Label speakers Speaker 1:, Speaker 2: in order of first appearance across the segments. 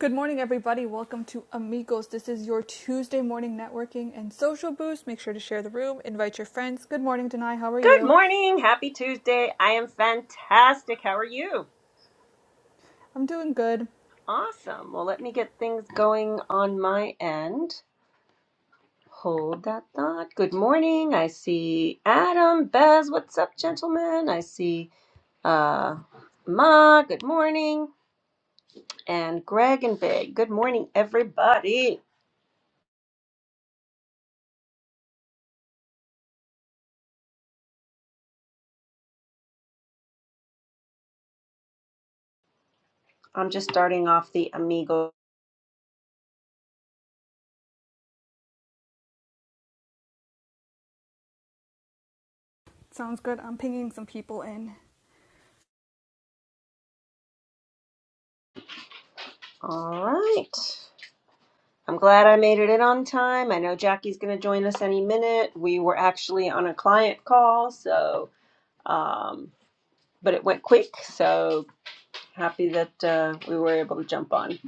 Speaker 1: Good morning, everybody. Welcome to Amigos. This is your Tuesday morning networking and social boost. Make sure to share the room, invite your friends. Good morning, Denai. How are
Speaker 2: Good
Speaker 1: you?
Speaker 2: morning. Happy Tuesday. I am fantastic. How are you?
Speaker 1: I'm doing good.
Speaker 2: Awesome. Well, let me get things going on my end. Hold that thought. Good morning. I see Adam, Bez. What's up, gentlemen? I see uh, Ma. Good morning. And Greg and Big. Good morning, everybody. I'm just starting off the Amigo.
Speaker 1: Sounds good. I'm pinging some people in.
Speaker 2: All right. I'm glad I made it in on time. I know Jackie's going to join us any minute. We were actually on a client call, so um, but it went quick. So happy that uh, we were able to jump on.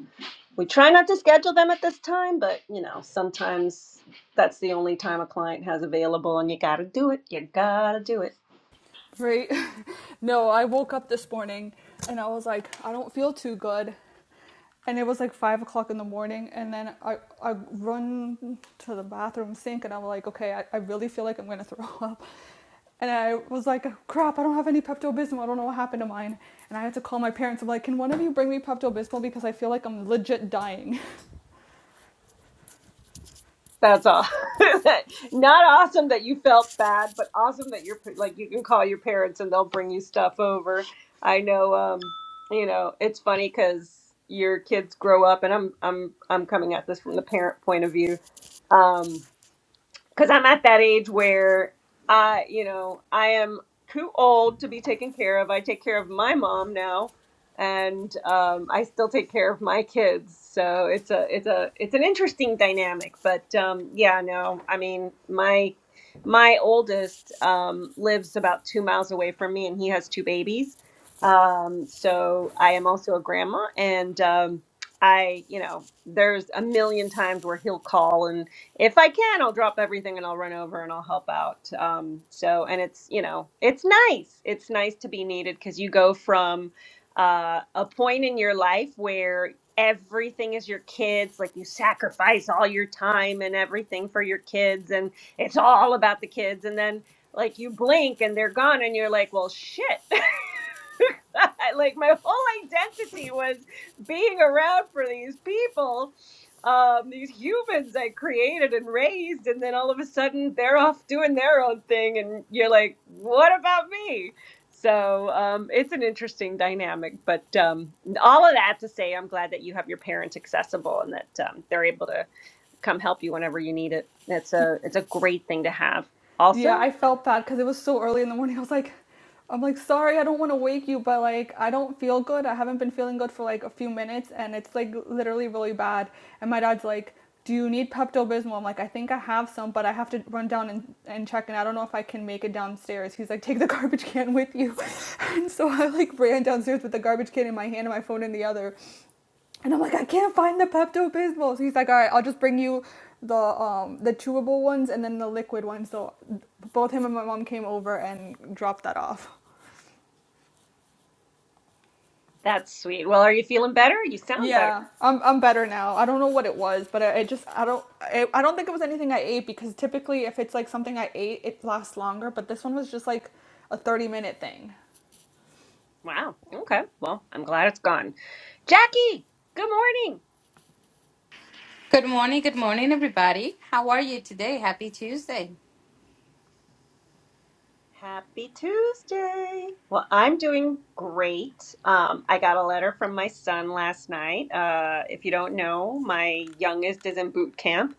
Speaker 2: We try not to schedule them at this time, but you know sometimes that's the only time a client has available, and you got to do it. You got to do it.
Speaker 1: Right? no, I woke up this morning and I was like, I don't feel too good. And it was like five o'clock in the morning, and then I, I run to the bathroom sink, and I'm like, okay, I, I really feel like I'm gonna throw up. And I was like, oh, crap, I don't have any Pepto Bismol. I don't know what happened to mine. And I had to call my parents. I'm like, can one of you bring me Pepto Bismol? Because I feel like I'm legit dying.
Speaker 2: That's all. Not awesome that you felt bad, but awesome that you're like you can call your parents and they'll bring you stuff over. I know, um, you know, it's funny because your kids grow up, and I'm I'm I'm coming at this from the parent point of view. Um, because I'm at that age where I, you know, I am too old to be taken care of. I take care of my mom now, and um, I still take care of my kids. So it's a, it's a, it's an interesting dynamic. But um, yeah, no, I mean, my my oldest um, lives about two miles away from me, and he has two babies. Um, so I am also a grandma, and um, I, you know, there's a million times where he'll call and if I can, I'll drop everything and I'll run over and I'll help out. Um, so, and it's, you know, it's nice. It's nice to be needed because you go from uh, a point in your life where everything is your kids, like you sacrifice all your time and everything for your kids, and it's all about the kids. And then, like, you blink and they're gone, and you're like, well, shit. like my whole identity was being around for these people, um, these humans I created and raised, and then all of a sudden they're off doing their own thing, and you're like, what about me? So um, it's an interesting dynamic, but um, all of that to say, I'm glad that you have your parents accessible and that um, they're able to come help you whenever you need it. It's a it's a great thing to have. Also,
Speaker 1: Yeah, I felt bad because it was so early in the morning. I was like, I'm like, sorry, I don't want to wake you, but like, I don't feel good. I haven't been feeling good for like a few minutes, and it's like literally really bad. And my dad's like, Do you need Pepto Bismol? I'm like, I think I have some, but I have to run down and, and check, and I don't know if I can make it downstairs. He's like, Take the garbage can with you. and so I like ran downstairs with the garbage can in my hand and my phone in the other. And I'm like, I can't find the Pepto Bismol. So he's like, all right, I'll just bring you the um the chewable ones and then the liquid ones. So both him and my mom came over and dropped that off.
Speaker 2: that's sweet. Well, are you feeling better? You sound better.
Speaker 1: Yeah, I'm I'm better now. I don't know what it was, but I, just I don't I, I don't think it was anything I ate because typically if it's like something I ate, it lasts longer. But this one was just like a 30 minute thing.
Speaker 2: Wow. Okay. Well, I'm glad it's gone. Jackie, good morning.
Speaker 3: Good morning, good morning, everybody. How are you today? Happy Tuesday.
Speaker 2: Happy Tuesday. Well, I'm doing great. Um, I got a letter from my son last night. Uh, if you don't know, my youngest is in boot camp.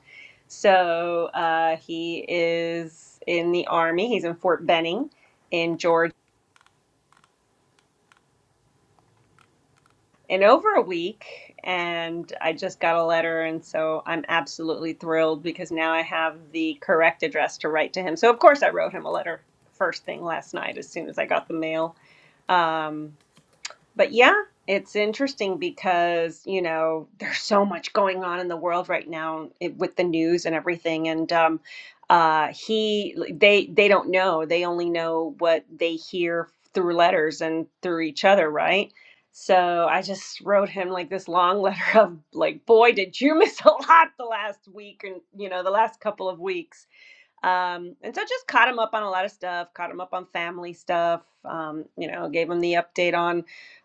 Speaker 2: So uh, he is in the Army. He's in Fort Benning in Georgia in over a week. And I just got a letter. And so I'm absolutely thrilled because now I have the correct address to write to him. So, of course, I wrote him a letter first thing last night as soon as I got the mail. Um, But yeah, it's interesting because, you know, there's so much going on in the world right now it, with the news and everything. And um, uh, he, they, they don't know. They only know what they hear through letters and through each other, right? So I just wrote him like this long letter of like, boy, did you miss a lot the last week and, you know, the last couple of weeks. Um, and so just caught him up on a lot of stuff, caught him up on family stuff, um, you know, gave him the update on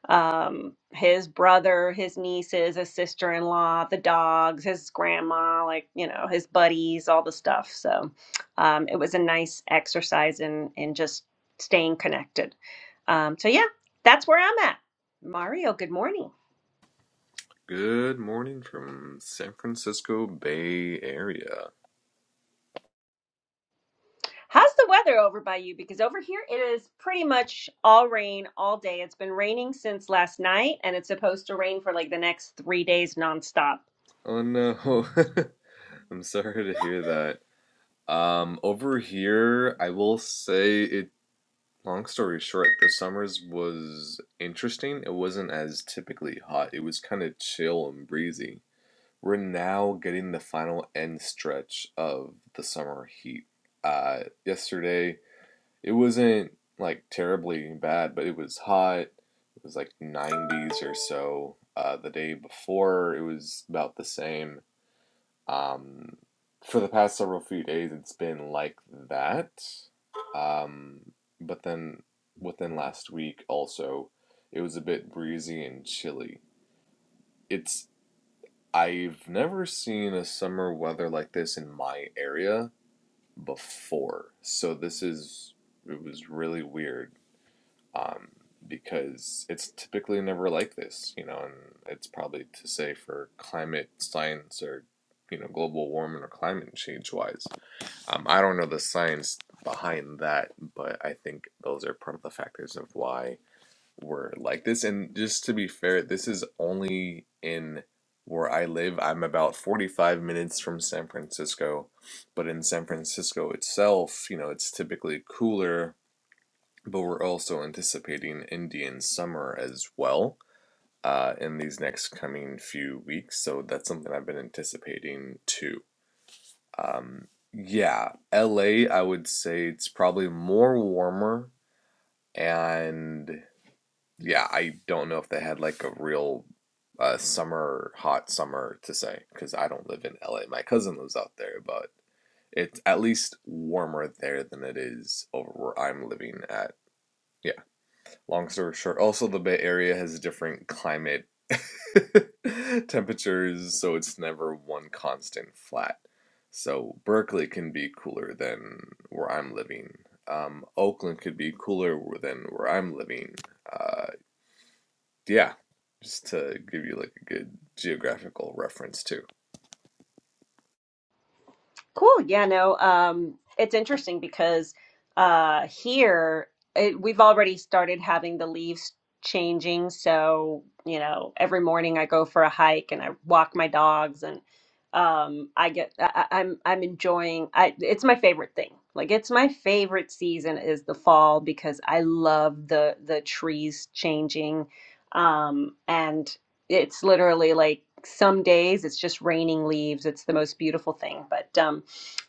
Speaker 2: um, his brother, his nieces, his sister in law, the dogs, his grandma, like, you know, his buddies, all the stuff. So um, it was a nice exercise in, in just staying connected. Um, so, yeah, that's where I'm at. Mario, good morning.
Speaker 4: Good morning from San Francisco Bay Area.
Speaker 2: How's the weather over by you? Because over here it is pretty much all rain all day. It's been raining since last night and it's supposed to rain for like the next three days nonstop.
Speaker 4: Oh no. I'm sorry to hear that. Um over here, I will say it long story short, the summers was interesting. It wasn't as typically hot. It was kind of chill and breezy. We're now getting the final end stretch of the summer heat. Uh yesterday It wasn't like terribly bad, but it was hot. It was like 90s or so. Uh, the day before, it was about the same. Um, for the past several few days, it's been like that. Um, but then within last week, also, it was a bit breezy and chilly. It's I've never seen a summer weather like this in my area before. So this is it was really weird. um, because it's typically never like this, you know, and it's probably to say for climate science or, you know, global warming or climate change wise. Um, I don't know the science behind that, but I think those are part of the factors of why we're like this. And just to be fair, this is only in where I live. I'm about 45 minutes from San Francisco, but in San Francisco itself, you know, it's typically cooler but we're also anticipating Indian summer as well uh, in these next coming few weeks. So that's something I've been anticipating too. Um, yeah, LA, I would say it's probably more warmer. And yeah, I don't know if they had like a real uh, summer, hot summer to say, because I don't live in LA. My cousin lives out there, but it's at least warmer there than it is over where I'm living at Long story short, also the Bay Area has different climate temperatures, so it's never one constant flat. So Berkeley can be cooler than where I'm living. Um, Oakland could be cooler than where I'm living. Uh, yeah, just to give you like a good geographical reference too.
Speaker 2: Cool. Yeah, no, um, it's interesting because uh, here it, we've already started having the leaves changing. So, you know, every morning I go for a hike and I walk my dogs and um, I get I, I- I'm I'm enjoying I it's my favorite thing. Like it's my favorite season is the fall because I love the the trees changing. Um, and it's literally like some days it's just raining leaves. It's the most beautiful thing. But um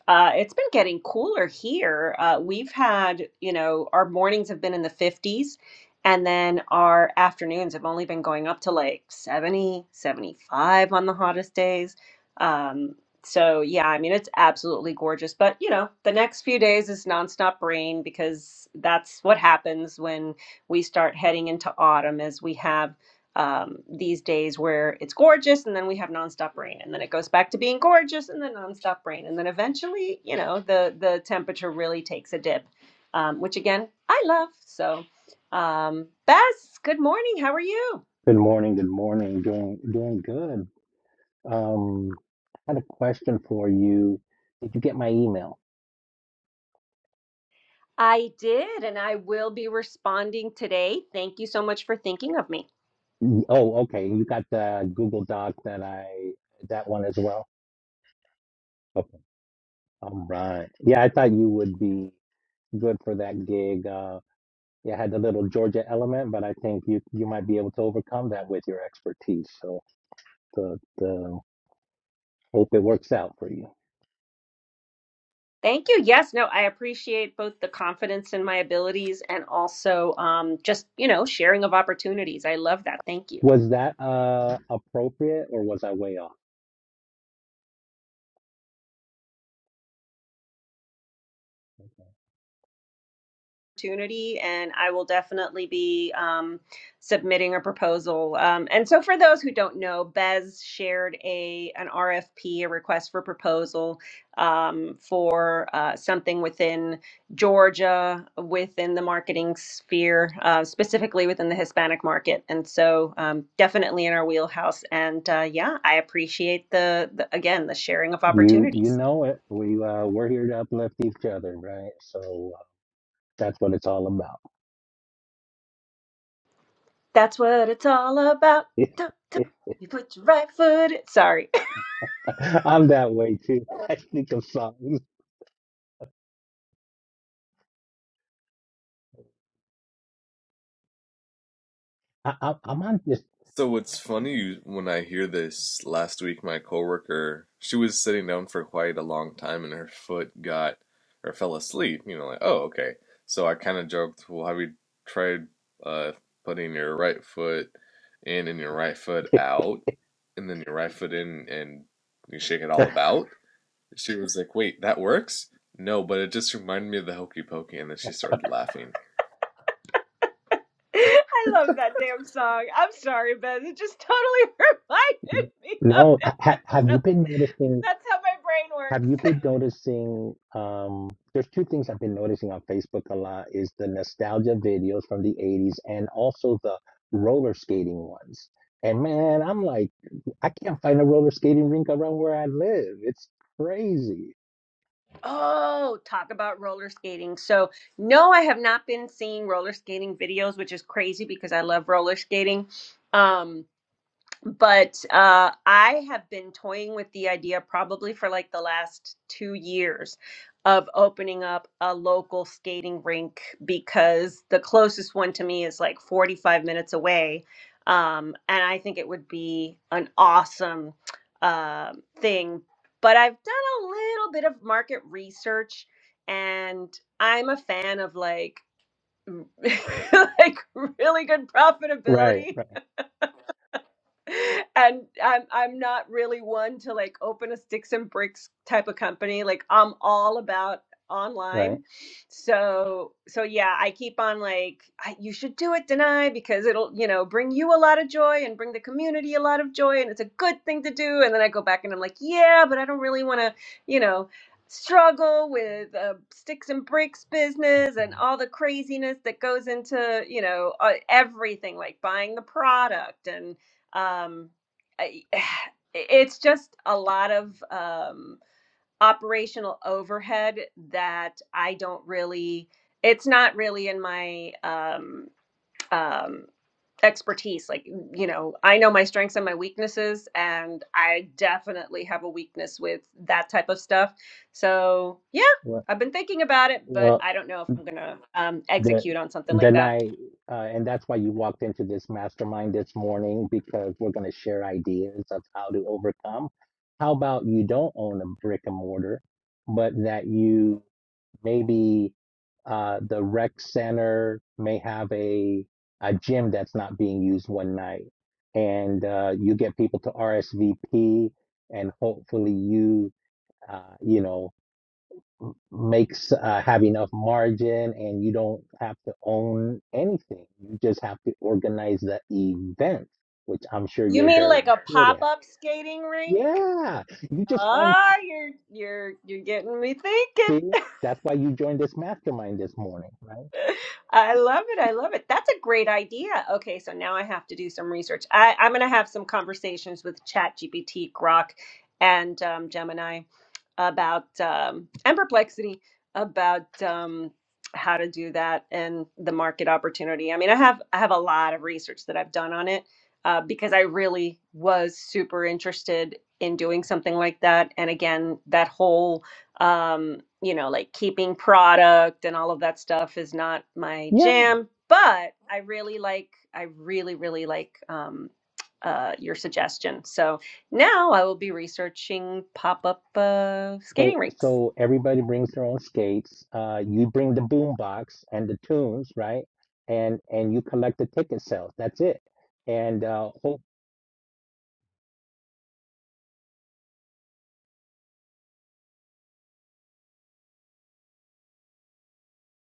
Speaker 2: uh, it's been getting cooler here. Uh, we've had, you know, our mornings have been in the 50s, and then our afternoons have only been going up to like 70, 75 on the hottest days. Um, so, yeah, I mean, it's absolutely gorgeous. But, you know, the next few days is nonstop rain because that's what happens when we start heading into autumn, as we have um, these days where it's gorgeous and then we have nonstop rain and then it goes back to being gorgeous and then nonstop rain and then eventually you know the the temperature really takes a dip um, which again i love so um, bess good morning how are you
Speaker 5: Good morning. Good morning. Doing doing good. Um, I had a question for you. Did you get my email?
Speaker 2: i did and i will be responding today thank you so much for thinking of me
Speaker 5: Y- Oh, okay. You got the Google Doc that I that one as well. Okay. All right. Yeah, I thought you would be good for that gig. Uh, yeah, I had the little Georgia element, but I think you you might be able to overcome that with your expertise. So the the hope it works out for you.
Speaker 2: thank you yes no i appreciate both the confidence in my abilities and also um, just you know sharing of opportunities i love that thank you
Speaker 5: Was that uh appropriate or was I way off?
Speaker 2: opportunity and I will definitely be um, submitting a proposal. Um, and so for those who don't know, Bez shared a an RFP, a request for proposal um, for uh, something within Georgia, within the marketing sphere, uh, specifically within the Hispanic market. And so um, definitely in our wheelhouse. And uh, yeah, I appreciate the, the again the sharing of
Speaker 5: You you
Speaker 2: opportunities.
Speaker 5: know it. We uh, we're here to uplift each other, right? So uh, that's what it's all about.
Speaker 2: That's what it's all about. Dun, dun. You put your right foot. In. Sorry,
Speaker 5: I'm that way too. I think of songs. I, I, I'm on this.
Speaker 4: So it's funny when I hear this. Last week, my coworker, she was sitting down for quite a long time, and her foot got or fell asleep. You know, like oh, okay. So I kind of joked, well, have you tried uh, putting your right foot in and your right foot out, and then your right foot in, and you shake it all about? She was like, wait, that works? No, but it just reminded me of the hokey pokey, and then she started laughing.
Speaker 2: I love that damn song. I'm sorry, Bez. It just totally reminded me of
Speaker 5: No, ha, ha-
Speaker 2: it.
Speaker 5: have you been
Speaker 2: So
Speaker 5: noticing?
Speaker 2: that's how my brain
Speaker 5: Have you
Speaker 2: works.
Speaker 5: been noticing? Um, there's two things I've been noticing on Facebook a lot is the nostalgia videos from the 80s and also the roller skating ones. And man, I'm like, I can't find a roller skating rink around where I live. It's crazy.
Speaker 2: Oh, talk about roller skating. So, no, I have not been seeing roller skating videos, which is crazy because I love roller skating. Um, but uh, I have been toying with the idea probably for like the last two years of opening up a local skating rink because the closest one to me is like 45 minutes away. Um, and I think it would be an awesome uh, thing. But I've done a little bit of market research and I'm a fan of like, like really good
Speaker 5: Right,
Speaker 2: profitability
Speaker 5: right,
Speaker 2: and I'm I'm not really one to like open a sticks and bricks type of company. Like I'm all about
Speaker 5: right.
Speaker 2: online. So so yeah, I keep on like I, you should do it, deny because it'll you know bring you a lot of joy and bring the community a lot of joy, and it's a good thing to do. And then I go back and I'm like, yeah, but I don't really want to you know struggle with a sticks and bricks business and
Speaker 5: Mhm.
Speaker 2: all the craziness that goes into you know uh, everything like buying the product and um, I, it's just a lot of um, operational overhead that I don't really. It's not really in my um, um, expertise. Like mm, you know, I know my strengths and my weaknesses, and I definitely have a weakness with that type of stuff. So yeah,
Speaker 5: Well,
Speaker 2: I've been thinking about it, but
Speaker 5: well,
Speaker 2: I don't know if I'm gonna um,
Speaker 5: the
Speaker 2: execute on something
Speaker 5: the
Speaker 2: like that.
Speaker 5: night, uh, and that's why you walked into this mastermind this morning because we're going to share ideas of how to overcome. How about you don't own a brick and mortar, but that you maybe uh, the rec center may have a a gym that's not being used one night, and uh, you get people to RSVP, and hopefully you. Uh, you know, makes uh, have enough margin and you don't have to own anything. You just have to organize the event, which I'm sure
Speaker 2: You
Speaker 5: you're
Speaker 2: mean
Speaker 5: very
Speaker 2: like a
Speaker 5: good at.
Speaker 2: pop-up skating rink?
Speaker 5: Yeah, you just find
Speaker 2: Ah, you're you're you're getting me thinking.
Speaker 5: see that's why you joined this mastermind this morning, right?
Speaker 2: I love it. I love it. That's a great idea. Okay, so now I have to do some research. I, I'm going to have some conversations with ChatGPT, Grok, and um, Gemini about um, and perplexity about um, how to do that and the market opportunity. I mean, I have I have a lot of research that I've done on it uh, because I really was super interested in doing something like that. And again, that whole um, you know like keeping product and all of that stuff is not my
Speaker 5: Yeah.
Speaker 2: jam. But I really like I really really like um, uh, your suggestion. So now I will be researching pop up uh, skating
Speaker 5: So
Speaker 2: rinks
Speaker 5: so everybody brings their own skates. Uh, you bring the boom box and the tunes, right? And and you collect the ticket sales. That's it. And uh, hope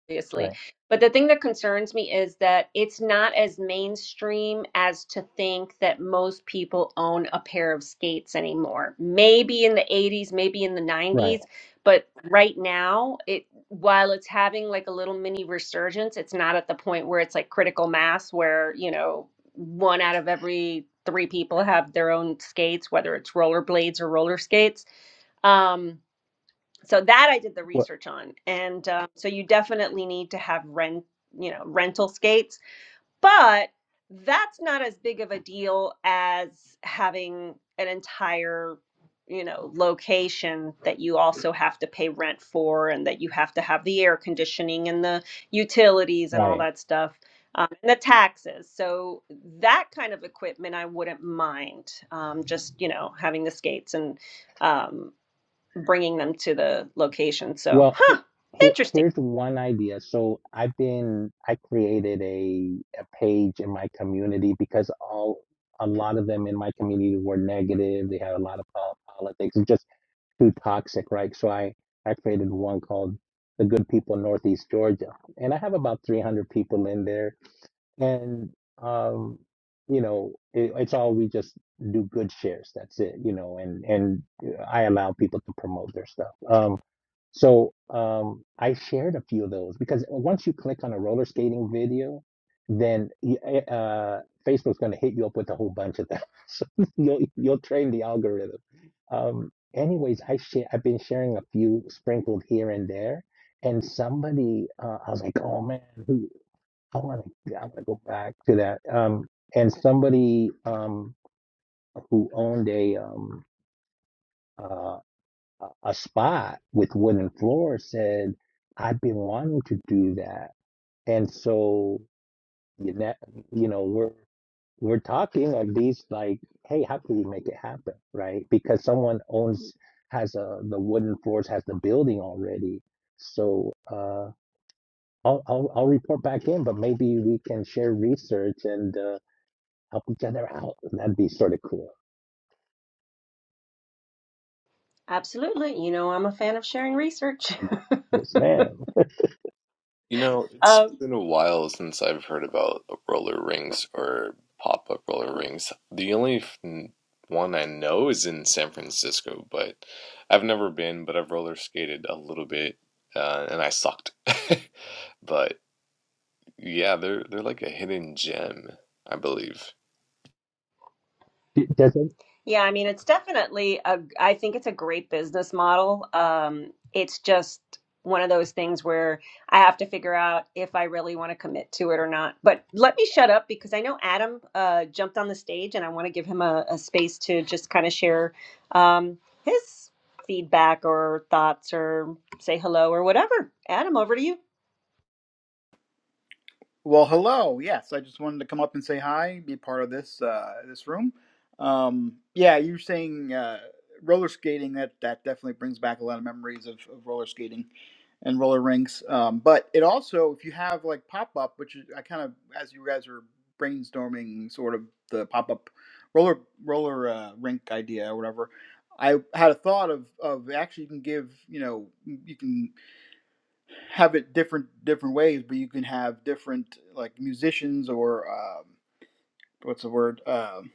Speaker 2: obviously.
Speaker 5: right,
Speaker 2: But the thing that concerns me is that it's not as mainstream as to think that most people own a pair of skates anymore. Maybe in the 80s, maybe in the
Speaker 5: right,
Speaker 2: 90s, but right now, it while it's having like a little mini resurgence, it's not at the point where it's like critical mass where, you know, one out of every three people have their own skates, whether it's rollerblades or roller skates. Um so that I did the
Speaker 5: what,
Speaker 2: research on, and um, so you definitely need to have rent, you know, rental skates, but that's not as big of a deal as having an entire, you know, location that you also have to pay rent for, and that you have to have the air conditioning and the utilities and all
Speaker 5: right.
Speaker 2: that stuff. Um, and the taxes. So that kind of equipment I wouldn't mind. Um, just you know having the skates and um, bringing them to the location. So,
Speaker 5: Well, he,
Speaker 2: huh,
Speaker 5: he-
Speaker 2: interesting.
Speaker 5: here's one idea. So I've been I created a a page in my community because all a lot of them in my community were negative. They had a lot of pol- politics, and just too toxic, right? So I I created one called the Good People of Northeast Georgia, and I have about 300 people in there, and um, you know, it, it's all we just do good shares. That's it, you know, and and I allow people to promote their stuff. Um, so um, I shared a few of those because once you click on a roller skating video, then y- eh, uh, Facebook's going to hit you up with a whole bunch of them. So you'll you'll train the algorithm. Um, anyways, I share I've been sharing a few sprinkled here and there, and somebody uh, I was like, oh man, who I want to I want to go back to that. Um, and somebody um, who owned a um, uh, a a spot with wooden floors said, I've been wanting to do that. And so, you know, you know, we're, we're talking of these like, hey, how can we make it happen? Right. Because someone owns, has a, the wooden floors, has the building already. So, uh, I'll, I'll, I'll report back in, but maybe we can share research and, uh, help each other out. That'd be sort of cool.
Speaker 2: Absolutely. You know, I'm a fan of sharing research.
Speaker 5: Yes, ma'am.
Speaker 4: You know, it's
Speaker 2: um,
Speaker 4: been a while since I've heard about roller rinks or pop-up roller rinks. The only f- n- one I know is in San Francisco, but I've never been, but I've roller skated a little bit, uh, and I sucked. But yeah, they're they're like a hidden gem, I believe.
Speaker 5: D- Does, it,
Speaker 2: yeah, I mean, it's definitely a, I think it's a great business model. Um, it's just one of those things where I have to figure out if I really want to commit to it or not. But let me shut up because I know Adam uh, jumped on the stage and I want to give him a, a space to just kind of share um, his feedback or thoughts or say hello or whatever. Adam, over to you.
Speaker 6: Well, hello. Yes, I just wanted to come up and say hi, be part of this uh, this room. Um, yeah, you're saying uh, roller skating. That that definitely brings back a lot of memories of, of roller skating and roller rinks. Um, but it also, if you have like pop up, which is, I kind of, as you guys were brainstorming, sort of the pop up roller roller uh, rink idea or whatever. I had a thought of, of actually you can give you know you can have it different different ways, but you can have different like musicians or um, what's the word? Um,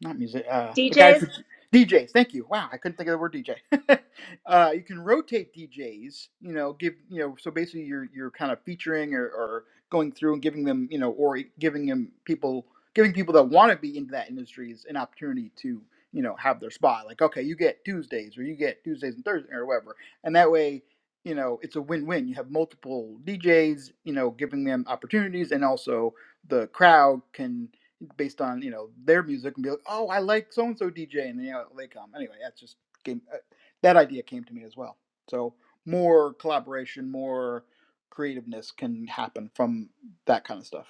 Speaker 6: not music. Uh, but guys,
Speaker 2: DJs.
Speaker 6: who, DJs. Thank you. Wow, I couldn't think of the word DJ. uh, you can rotate DJs. You know, give you know. So basically, you're you're kind of featuring or, or going through and giving them you know, or giving them people, giving people that want to be into that industry is an opportunity to you know have their spot. Like, okay, you get Tuesdays or you get Tuesdays and Thursdays or whatever, and that way. You know, it's a win-win. You have multiple DJs, you know, giving them opportunities, and also the crowd can based on you know their music and be like, oh, I like so and so DJ, and then you know, they come. Anyway, that's just came, uh, that idea came to me as well. So more collaboration, more creativeness can happen from that kind of stuff.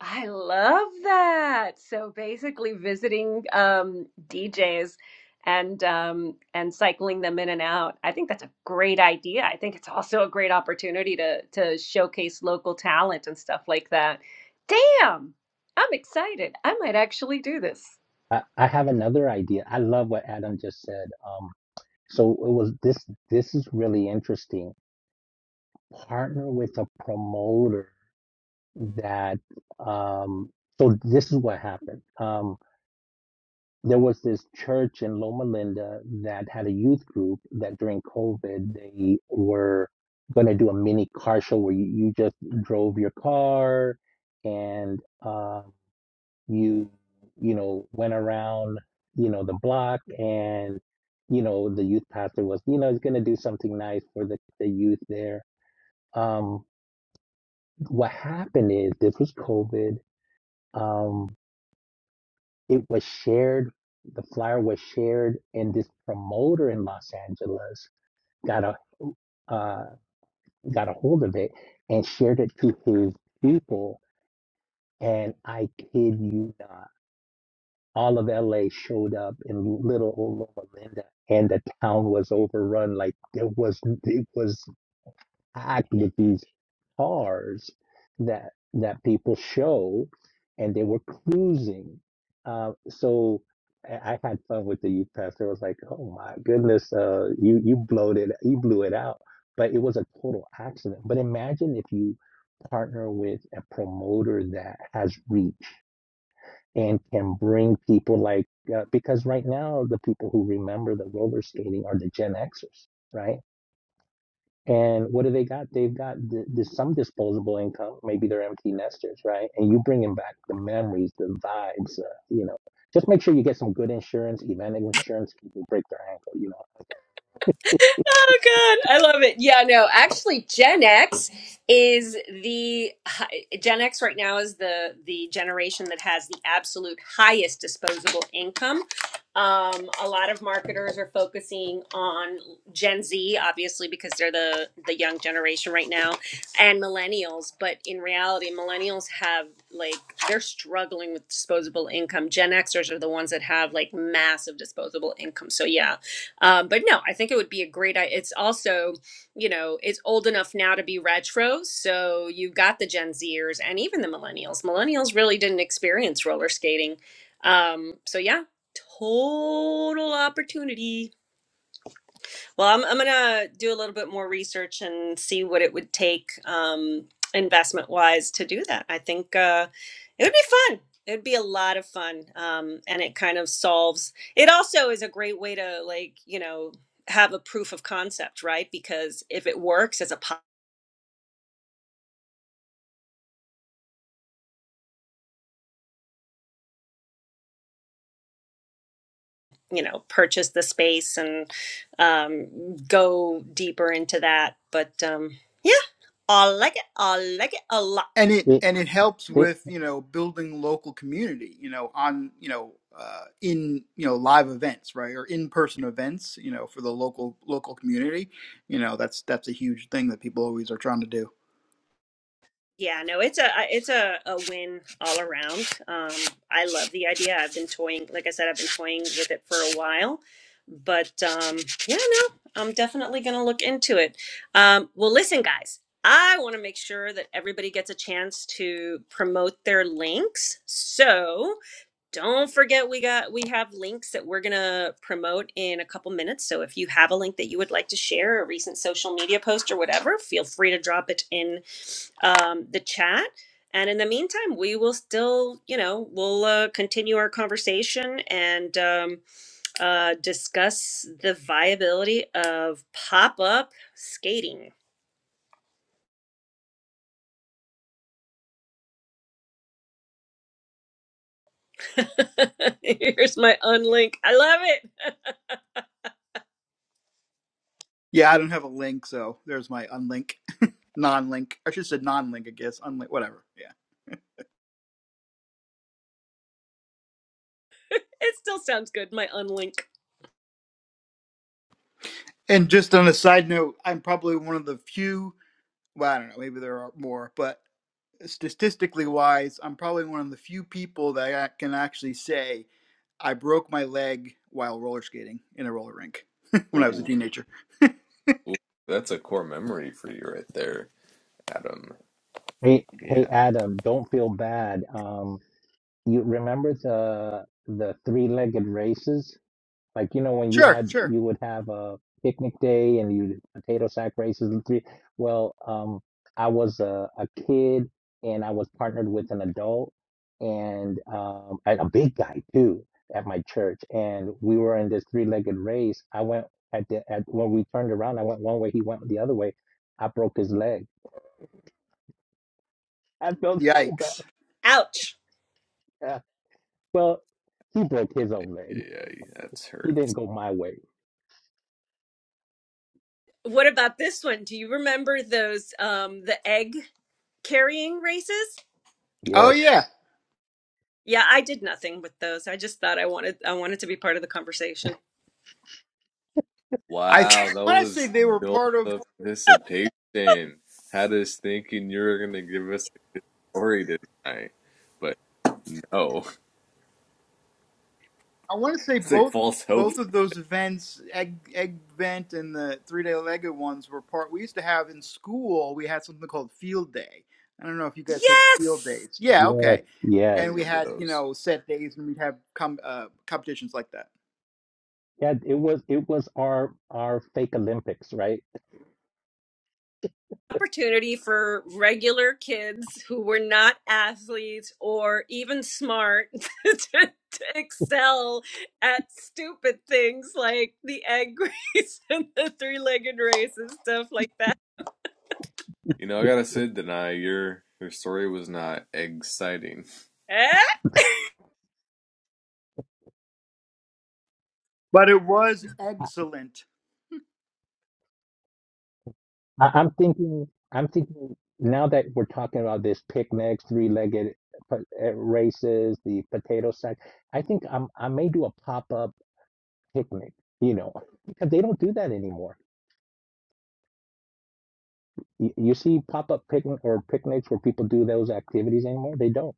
Speaker 2: I love that. So basically visiting um, DJs and um, and cycling them in and out. I think that's a great idea. I think it's also a great opportunity to to showcase local talent and stuff like that. Damn, I'm excited. I might actually do this.
Speaker 5: I, I have another idea. I love what Adam just said. Um, so it was this. This is really interesting. Partner with a promoter that. Um, so this is what happened. Um, there was this church in Loma Linda that had a youth group that during COVID they were going to do a mini car show where you, you just drove your car and uh, you you know went around you know the block and you know the youth pastor was you know he's going to do something nice for the, the youth there um what happened is this was covid um it was shared the flyer was shared and this promoter in los angeles got a uh got a hold of it and shared it to his people and i kid you not all of LA showed up in little old Linda, and the town was overrun. Like it was, it was packed with these cars that that people show, and they were cruising. Uh, so I I had fun with the youth pastor. I was like, oh my goodness, uh, you you blowed it, you blew it out. But it was a total accident. But imagine if you partner with a promoter that has reach and can bring people like uh, because right now the people who remember the roller skating are the Gen Xers, right? And what do they got? They've got th- this, some disposable income. Maybe they're empty nesters, right? And you bringing back the memories, the vibes, uh, you know. Just make sure you get some good insurance, event insurance. People break their ankle, you know.
Speaker 2: Oh God, I love it. Yeah, no, actually, Gen X is the hi- Gen X right now is the the generation that has the absolute highest disposable income. Um, a lot of marketers are focusing on Gen Z, obviously, because they're the the young generation right now, and millennials. But in reality, millennials have like they're struggling with disposable income. Gen Xers are the ones that have like massive disposable income. So yeah, um, but no, I think it would be a great. i- It's also, you know, it's old enough now to be retro, so you've got the Gen Zers and even the Millennials. Millennials really didn't experience roller skating, um, so yeah, total opportunity. Well, I'm, I'm gonna do a little bit more research and see what it would take um, investment wise to do that. I think uh, it would be fun. It would be a lot of fun, um, and it kind of solves. It also is a great way to like you know have a proof of concept, right? Because if it works as a po- you know purchase the space and um, go deeper into that, but um, yeah, I like it. I like it a lot.
Speaker 6: And it
Speaker 5: Hey,
Speaker 6: and it helps
Speaker 5: hey,
Speaker 6: with you know building local community, you know on you know uh, in you know live events, right, or in person events, you know for the local local community. You know that's that's a huge thing that people always are trying to do.
Speaker 2: Yeah, no, it's a it's a, a win all around. Um, I love the idea. I've been toying, like I said, I've been toying with it for a while, but um, yeah, no, I'm definitely gonna look into it. Um, well, listen, guys, I want to make sure that everybody gets a chance to promote their links. So don't forget, we got we have links that we're gonna promote in a couple minutes. So if you have a link that you would like to share, a recent social media post or whatever, feel free to drop it in um, the chat. And in the meantime, we will still, you know, we'll uh, continue our conversation and um, uh, discuss the viability of pop up skating. Here's my unlink. I love it.
Speaker 6: Yeah, I don't have a link, so there's my unlink, non-link. I should have said non-link, I guess. Unlink, whatever. Yeah.
Speaker 2: It still sounds good. My unlink.
Speaker 6: And just on a side note, I'm probably one of the few. Well, I don't know. Maybe there are more, but statistically wise, I'm probably one of the few people that I can actually say I broke my leg while roller skating in a roller rink when I was a
Speaker 4: Ooh,
Speaker 6: teenager.
Speaker 4: ooh, that's a core memory for you right there, Adam.
Speaker 5: hey, hey,
Speaker 4: Yeah,
Speaker 5: Adam, don't feel bad. Um, you remember the the three legged races? Like you know when you
Speaker 6: Sure,
Speaker 5: had
Speaker 6: sure.
Speaker 5: you would have a picnic day and you potato sack races and three. Well, um, I was a, a kid and I was partnered with an adult and um, and a big guy too at my church, and we were in this three legged race. I went at the at when we turned around, I went one way, he went the other way. I broke his leg. I felt so bad.
Speaker 6: Yikes.
Speaker 2: Ouch.
Speaker 5: Uh, Well, he broke his own
Speaker 4: yeah,
Speaker 5: leg.
Speaker 4: yeah, that's
Speaker 5: He
Speaker 4: hurt.
Speaker 5: didn't go my way
Speaker 2: What about this one? Do you remember those um, the egg carrying races?
Speaker 6: Oh
Speaker 5: Yes,
Speaker 6: yeah.
Speaker 2: Yeah, I did nothing with those. I just thought I wanted I wanted to be part of the conversation.
Speaker 6: I th-
Speaker 4: Wow, that
Speaker 6: want to say
Speaker 4: was
Speaker 6: they were
Speaker 4: built
Speaker 6: part of.
Speaker 4: up anticipation. Had us thinking you were gonna give us a story tonight, but no,
Speaker 6: I want to say
Speaker 4: it's like
Speaker 6: both
Speaker 4: false hope.
Speaker 6: both of those events, egg egg vent and the three day Lego ones, were part. We used to have in school. We had something called field day. I don't know if you guys had field
Speaker 2: Yes.
Speaker 6: days. Yeah,
Speaker 5: yes,
Speaker 6: okay.
Speaker 4: I
Speaker 6: And
Speaker 5: yes.
Speaker 6: we
Speaker 4: remember
Speaker 6: had you
Speaker 4: those.
Speaker 6: know set days, and we'd have com- uh, competitions like that.
Speaker 5: Yeah, it was it was our our fake Olympics, right?
Speaker 2: opportunity for regular kids who were not athletes or even smart to, to excel at stupid things like the egg race and the three-legged race and stuff like that.
Speaker 4: You know, I gotta say, deny your your story was not exciting.
Speaker 2: Hey!
Speaker 6: But it was
Speaker 5: I,
Speaker 6: excellent.
Speaker 5: I- I'm thinking I'm thinking now that we're talking about this picnics, three-legged po- uh, races, the potato sack. I think I'm I may do a pop-up picnic, you know, because they don't do that anymore. You, you see pop-up picnic or picnics where people do those activities anymore? They don't.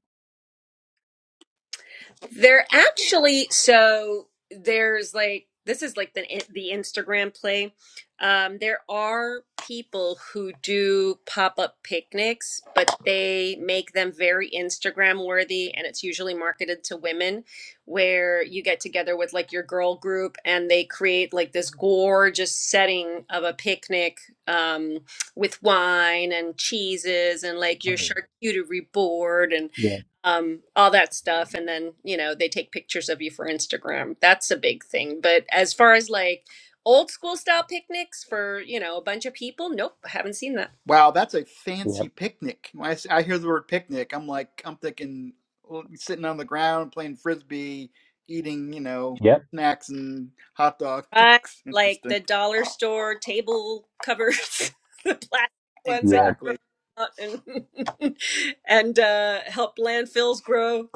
Speaker 2: They're actually so there's like this is like the the Instagram play. Um, there are people who do pop up picnics, but they make them very Instagram worthy, and it's usually marketed to women, where you get together with like your girl group, and they create like this gorgeous setting of a picnic um, with wine and cheeses and like your
Speaker 5: Oh,
Speaker 2: charcuterie board and
Speaker 5: yeah,
Speaker 2: um, all that stuff. And then, you know, they take pictures of you for Instagram. That's a big thing. But as far as like old school style picnics for, you know, a bunch of people, nope, I haven't seen that.
Speaker 6: Wow, that's a
Speaker 5: yep,
Speaker 6: fancy picnic. When I, s- I hear the word picnic, I'm like I'm thinking well, sitting on the ground playing frisbee, eating you know
Speaker 5: yep,
Speaker 6: snacks and hot dogs.
Speaker 2: Right. Like
Speaker 6: Interesting.
Speaker 2: the dollar store table covers, the plastic ones that you
Speaker 5: yep,
Speaker 2: throw
Speaker 6: Exactly.
Speaker 2: out and, and uh, help landfills grow.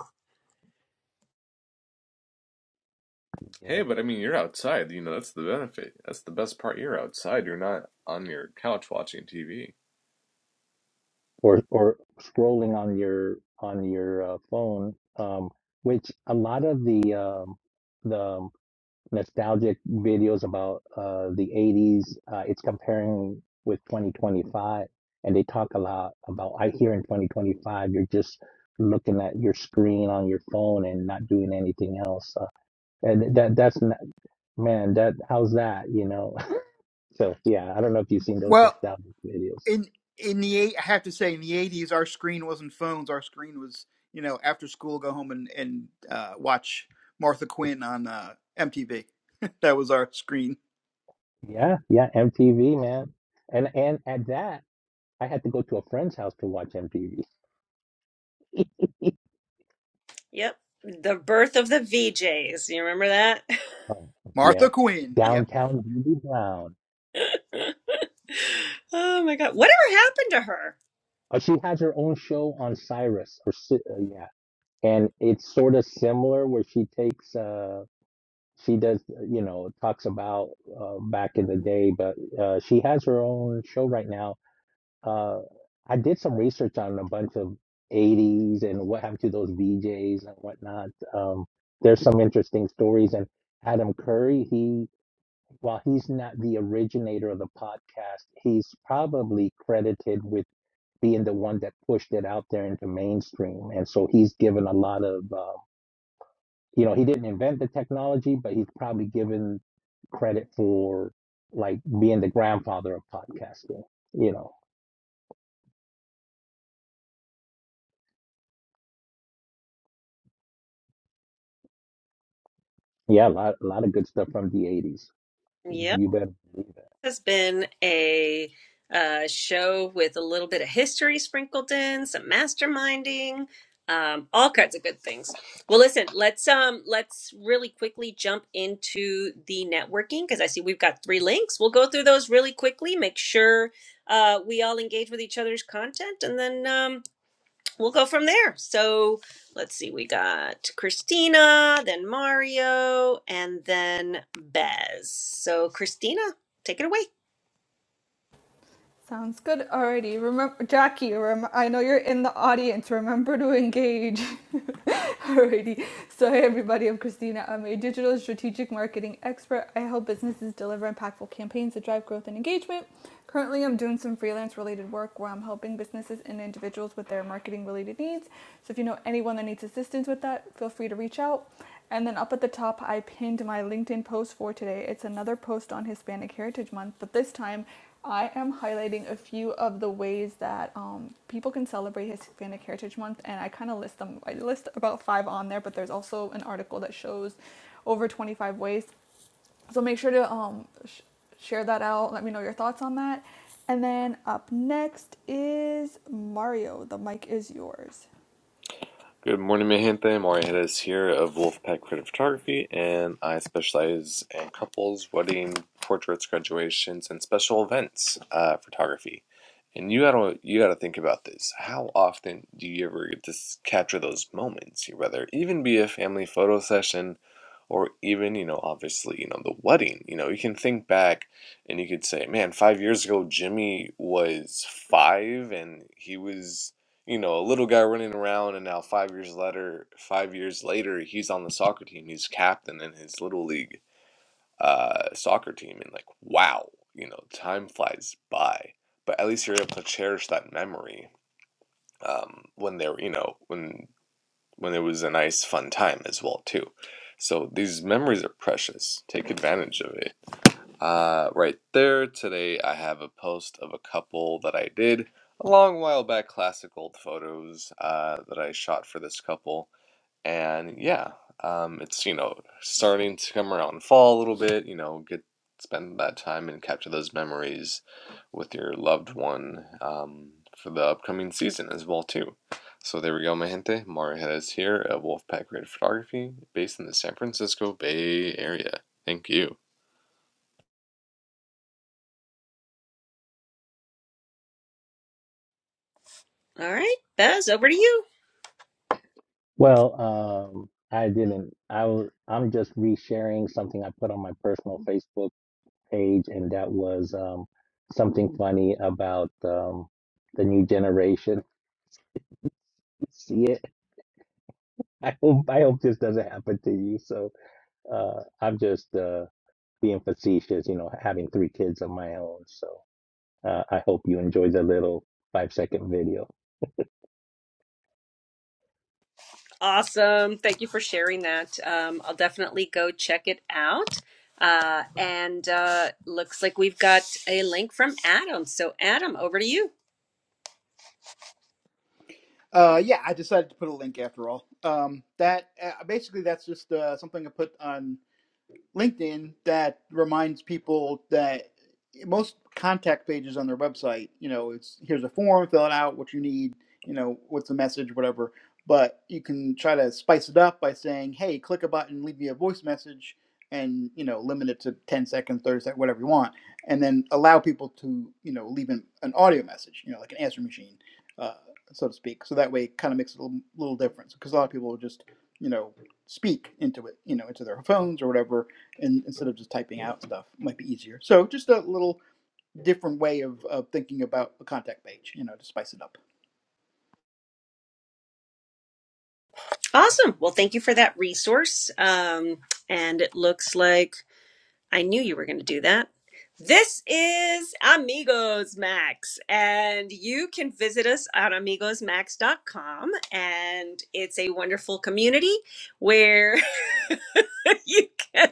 Speaker 5: yep.
Speaker 4: Hey, but I mean, you're outside. You know, that's the benefit. That's the best part. You're outside. You're not on your couch watching TV.
Speaker 5: or or scrolling on your on your uh, phone, um, which a lot of the um, the nostalgic videos about uh, the 80s, uh, it's comparing with 2025, and they talk a lot about I here in 2025, you're just looking at your screen on your phone and not doing anything else. Uh, and that that's not, man, that how's that, you know? So yeah, I don't know if you've seen those
Speaker 6: Well,
Speaker 5: nostalgic videos.
Speaker 6: in in the eight, I have to say, in the eighties, our screen wasn't phones. Our screen was, you know, after school, go home and and uh, watch Martha Quinn on uh, MTV. that was our screen.
Speaker 5: Yeah, yeah, MTV, man. And and at that, I had to go to a friend's house to watch MTV.
Speaker 2: Yep. The birth of the VJs. You remember that?
Speaker 5: Oh, yeah.
Speaker 6: Martha Quinn. Yep.
Speaker 5: Downtown Julie Brown.
Speaker 2: oh my God. Whatever happened to her?
Speaker 5: Uh, she has her own show on Cyrus or Ci- uh, yeah. And it's sort of similar where she takes uh she does uh, you know talks about uh, back in the day, but uh she has her own show right now Uh, I did some research on a bunch of 80s and what happened to those VJs and whatnot. Um, there's some interesting stories. And Adam Curry, he, while he's not the originator of the podcast, he's probably credited with being the one that pushed it out there into mainstream. And so he's given a lot of, uh, you know, he didn't invent the technology, but he's probably given credit for like being the grandfather of podcasting, you know. Yeah, a lot, a lot of good stuff from the 80s.
Speaker 2: Yep.
Speaker 5: You better believe it.
Speaker 2: has been a uh, show with a little bit of history sprinkled in, some masterminding, um, all kinds of good things. Well, listen, let's um, let's really quickly jump into the networking because I see we've got three links. We'll go through those really quickly. Make sure uh, we all engage with each other's content, and then um, we'll go from there. So let's see, we got Christina, then Mario, and then Bez. So Christina, take it away.
Speaker 1: Sounds good already. Remember, Jackie, rem- I know you're in the audience. Remember to engage. Alrighty. So, hey, everybody, I'm Christina. I'm a digital strategic marketing expert. I help businesses deliver impactful campaigns that drive growth and engagement. Currently, I'm doing some freelance related work where I'm helping businesses and individuals with their marketing related needs. So, if you know anyone that needs assistance with that, feel free to reach out. And then up at the top, I pinned my LinkedIn post for today. It's another post on Hispanic Heritage Month, but this time I am highlighting a few of the ways that um, people can celebrate Hispanic Heritage Month, and I kind of list them. I list about five on there, but there's also an article that shows over 25 ways. So make sure to um, sh- share that out. Let me know your thoughts on that. And then up next is Mario. The mic is yours.
Speaker 4: Good morning, mi gente. Mario Hedges here of Wolfpack Creative Photography, and I specialize in couples, wedding, portraits, graduations, and special events uh, photography. And you gotta you gotta think about this. How often do you ever get to capture those moments? Whether even be a family photo session, or even you know obviously you know the wedding. You know you can think back, and you could say, man, five years ago Jimmy was five, and he was you know, a little guy running around, and now five years later, five years later, he's on the soccer team. He's captain in his little league uh, soccer team, and like, wow, you know, time flies by. But at least you're able to cherish that memory um, when there, you know, when when it was a nice, fun time as well too. So these memories are precious. Take advantage of it. Uh, right there. Today I have a post of a couple that I did a long while back, classic old photos uh, that I shot for this couple. And yeah, um, it's, you know, starting to come around fall a little bit, you know, get spend that time and capture those memories with your loved one um, for the upcoming season as well too. So there we go, my gente. Mario Jerez here at Wolfpack Creative Photography, based in the San Francisco Bay Area. Thank you.
Speaker 2: All right, Bez, over to you.
Speaker 5: Well, um, I didn't. I was, I'm just resharing something I put on my personal Facebook page, and that was um, something funny about um, the new generation. See it? I hope, I hope this doesn't happen to you. So uh, I'm just uh, being facetious, you know, having three kids of my own. So uh, I hope you enjoy the little five second video.
Speaker 2: Awesome. Thank you for sharing that. Um, I'll definitely go check it out. Uh, and uh, looks like we've got a link from Adam. So, Adam, over to you.
Speaker 6: Uh, yeah, I decided to put a link after all. Um, that uh, basically that's just uh, something I put on LinkedIn that reminds people that most contact pages on their website, you know, it's here's a form, fill it out, what you need, you know, what's the message, whatever. But you can try to spice it up by saying, hey, click a button, leave me a voice message, and, you know, limit it to 10 seconds, 30 seconds, whatever you want. And then allow people to, you know, leave an, an audio message, you know, like an answer machine, uh, so to speak. So that way it kind of makes it a little, little difference because a lot of people will just, you know, speak into it, you know, into their phones or whatever and instead of just typing out stuff it might be easier so just a little different way of, of thinking about a contact page you know to spice it up
Speaker 2: Awesome. Well, thank you for that resource. Um, and it looks like I knew you were going to do that. This is Amigos Max, and you can visit us at amigos max dot com. And it's a wonderful community where you can.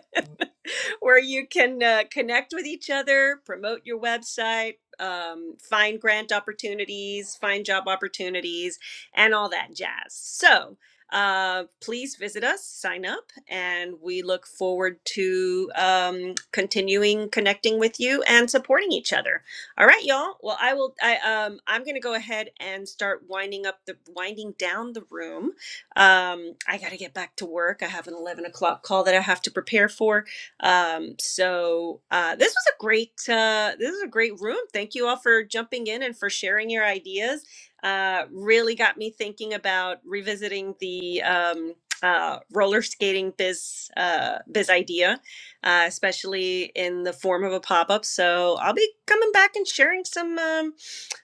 Speaker 2: where you can uh, connect with each other, promote your website, um, find grant opportunities, find job opportunities, and all that jazz. So uh, please visit us, sign up, and we look forward to um, continuing connecting with you and supporting each other. All right, y'all. Well, I will. I um, I'm gonna go ahead and start winding up the winding down the room. Um, I gotta get back to work. I have an 11 o'clock call that I have to prepare for. Um, so uh, this was a great uh, this is a great room. Thank you all for jumping in and for sharing your ideas. Uh, really got me thinking about revisiting the um, uh, roller skating biz uh, biz idea, uh, especially in the form of a pop up. So I'll be coming back and sharing some um,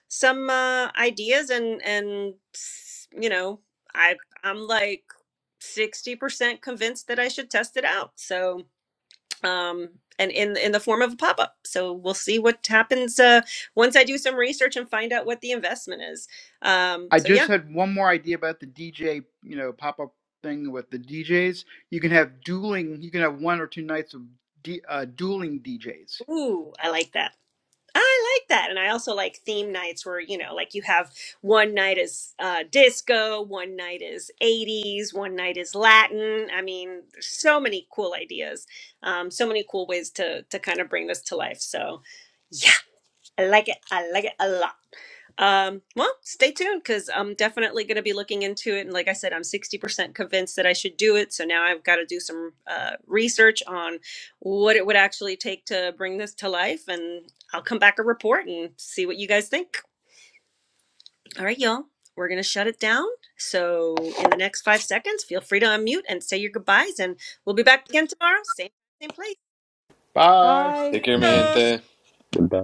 Speaker 2: some uh, ideas and and s- you know I I'm like sixty percent convinced that I should test it out. So um, and in in the form of a pop up. So we'll see what happens uh, once I do some research and find out what the investment is. Um,
Speaker 6: i
Speaker 2: so
Speaker 6: just
Speaker 2: yeah,
Speaker 6: had one more idea about the dj you know pop-up thing with the djs you can have dueling you can have one or two nights of D, uh, dueling djs
Speaker 2: ooh, I like that. I like that, and I also like theme nights where you know, like you have one night is uh, disco, one night is '80s, one night is Latin. I mean, there's so many cool ideas, um, so many cool ways to to kind of bring this to life. So. yeah. I like it. I like it a lot. Um, well, stay tuned because I'm definitely going to be looking into it. And like I said, I'm 60% convinced that I should do it. So now I've got to do some uh, research on what it would actually take to bring this to life. And I'll come back a report and see what you guys think. All right, y'all, we're going to shut it down. So in the next five seconds, feel free to unmute and say your goodbyes. And we'll be back again tomorrow. Same, same place.
Speaker 6: Bye.
Speaker 1: Bye.
Speaker 4: Take care,
Speaker 5: Hey,
Speaker 4: mi
Speaker 5: Goodbye.
Speaker 2: Adios.
Speaker 4: gente.
Speaker 5: Goodbye.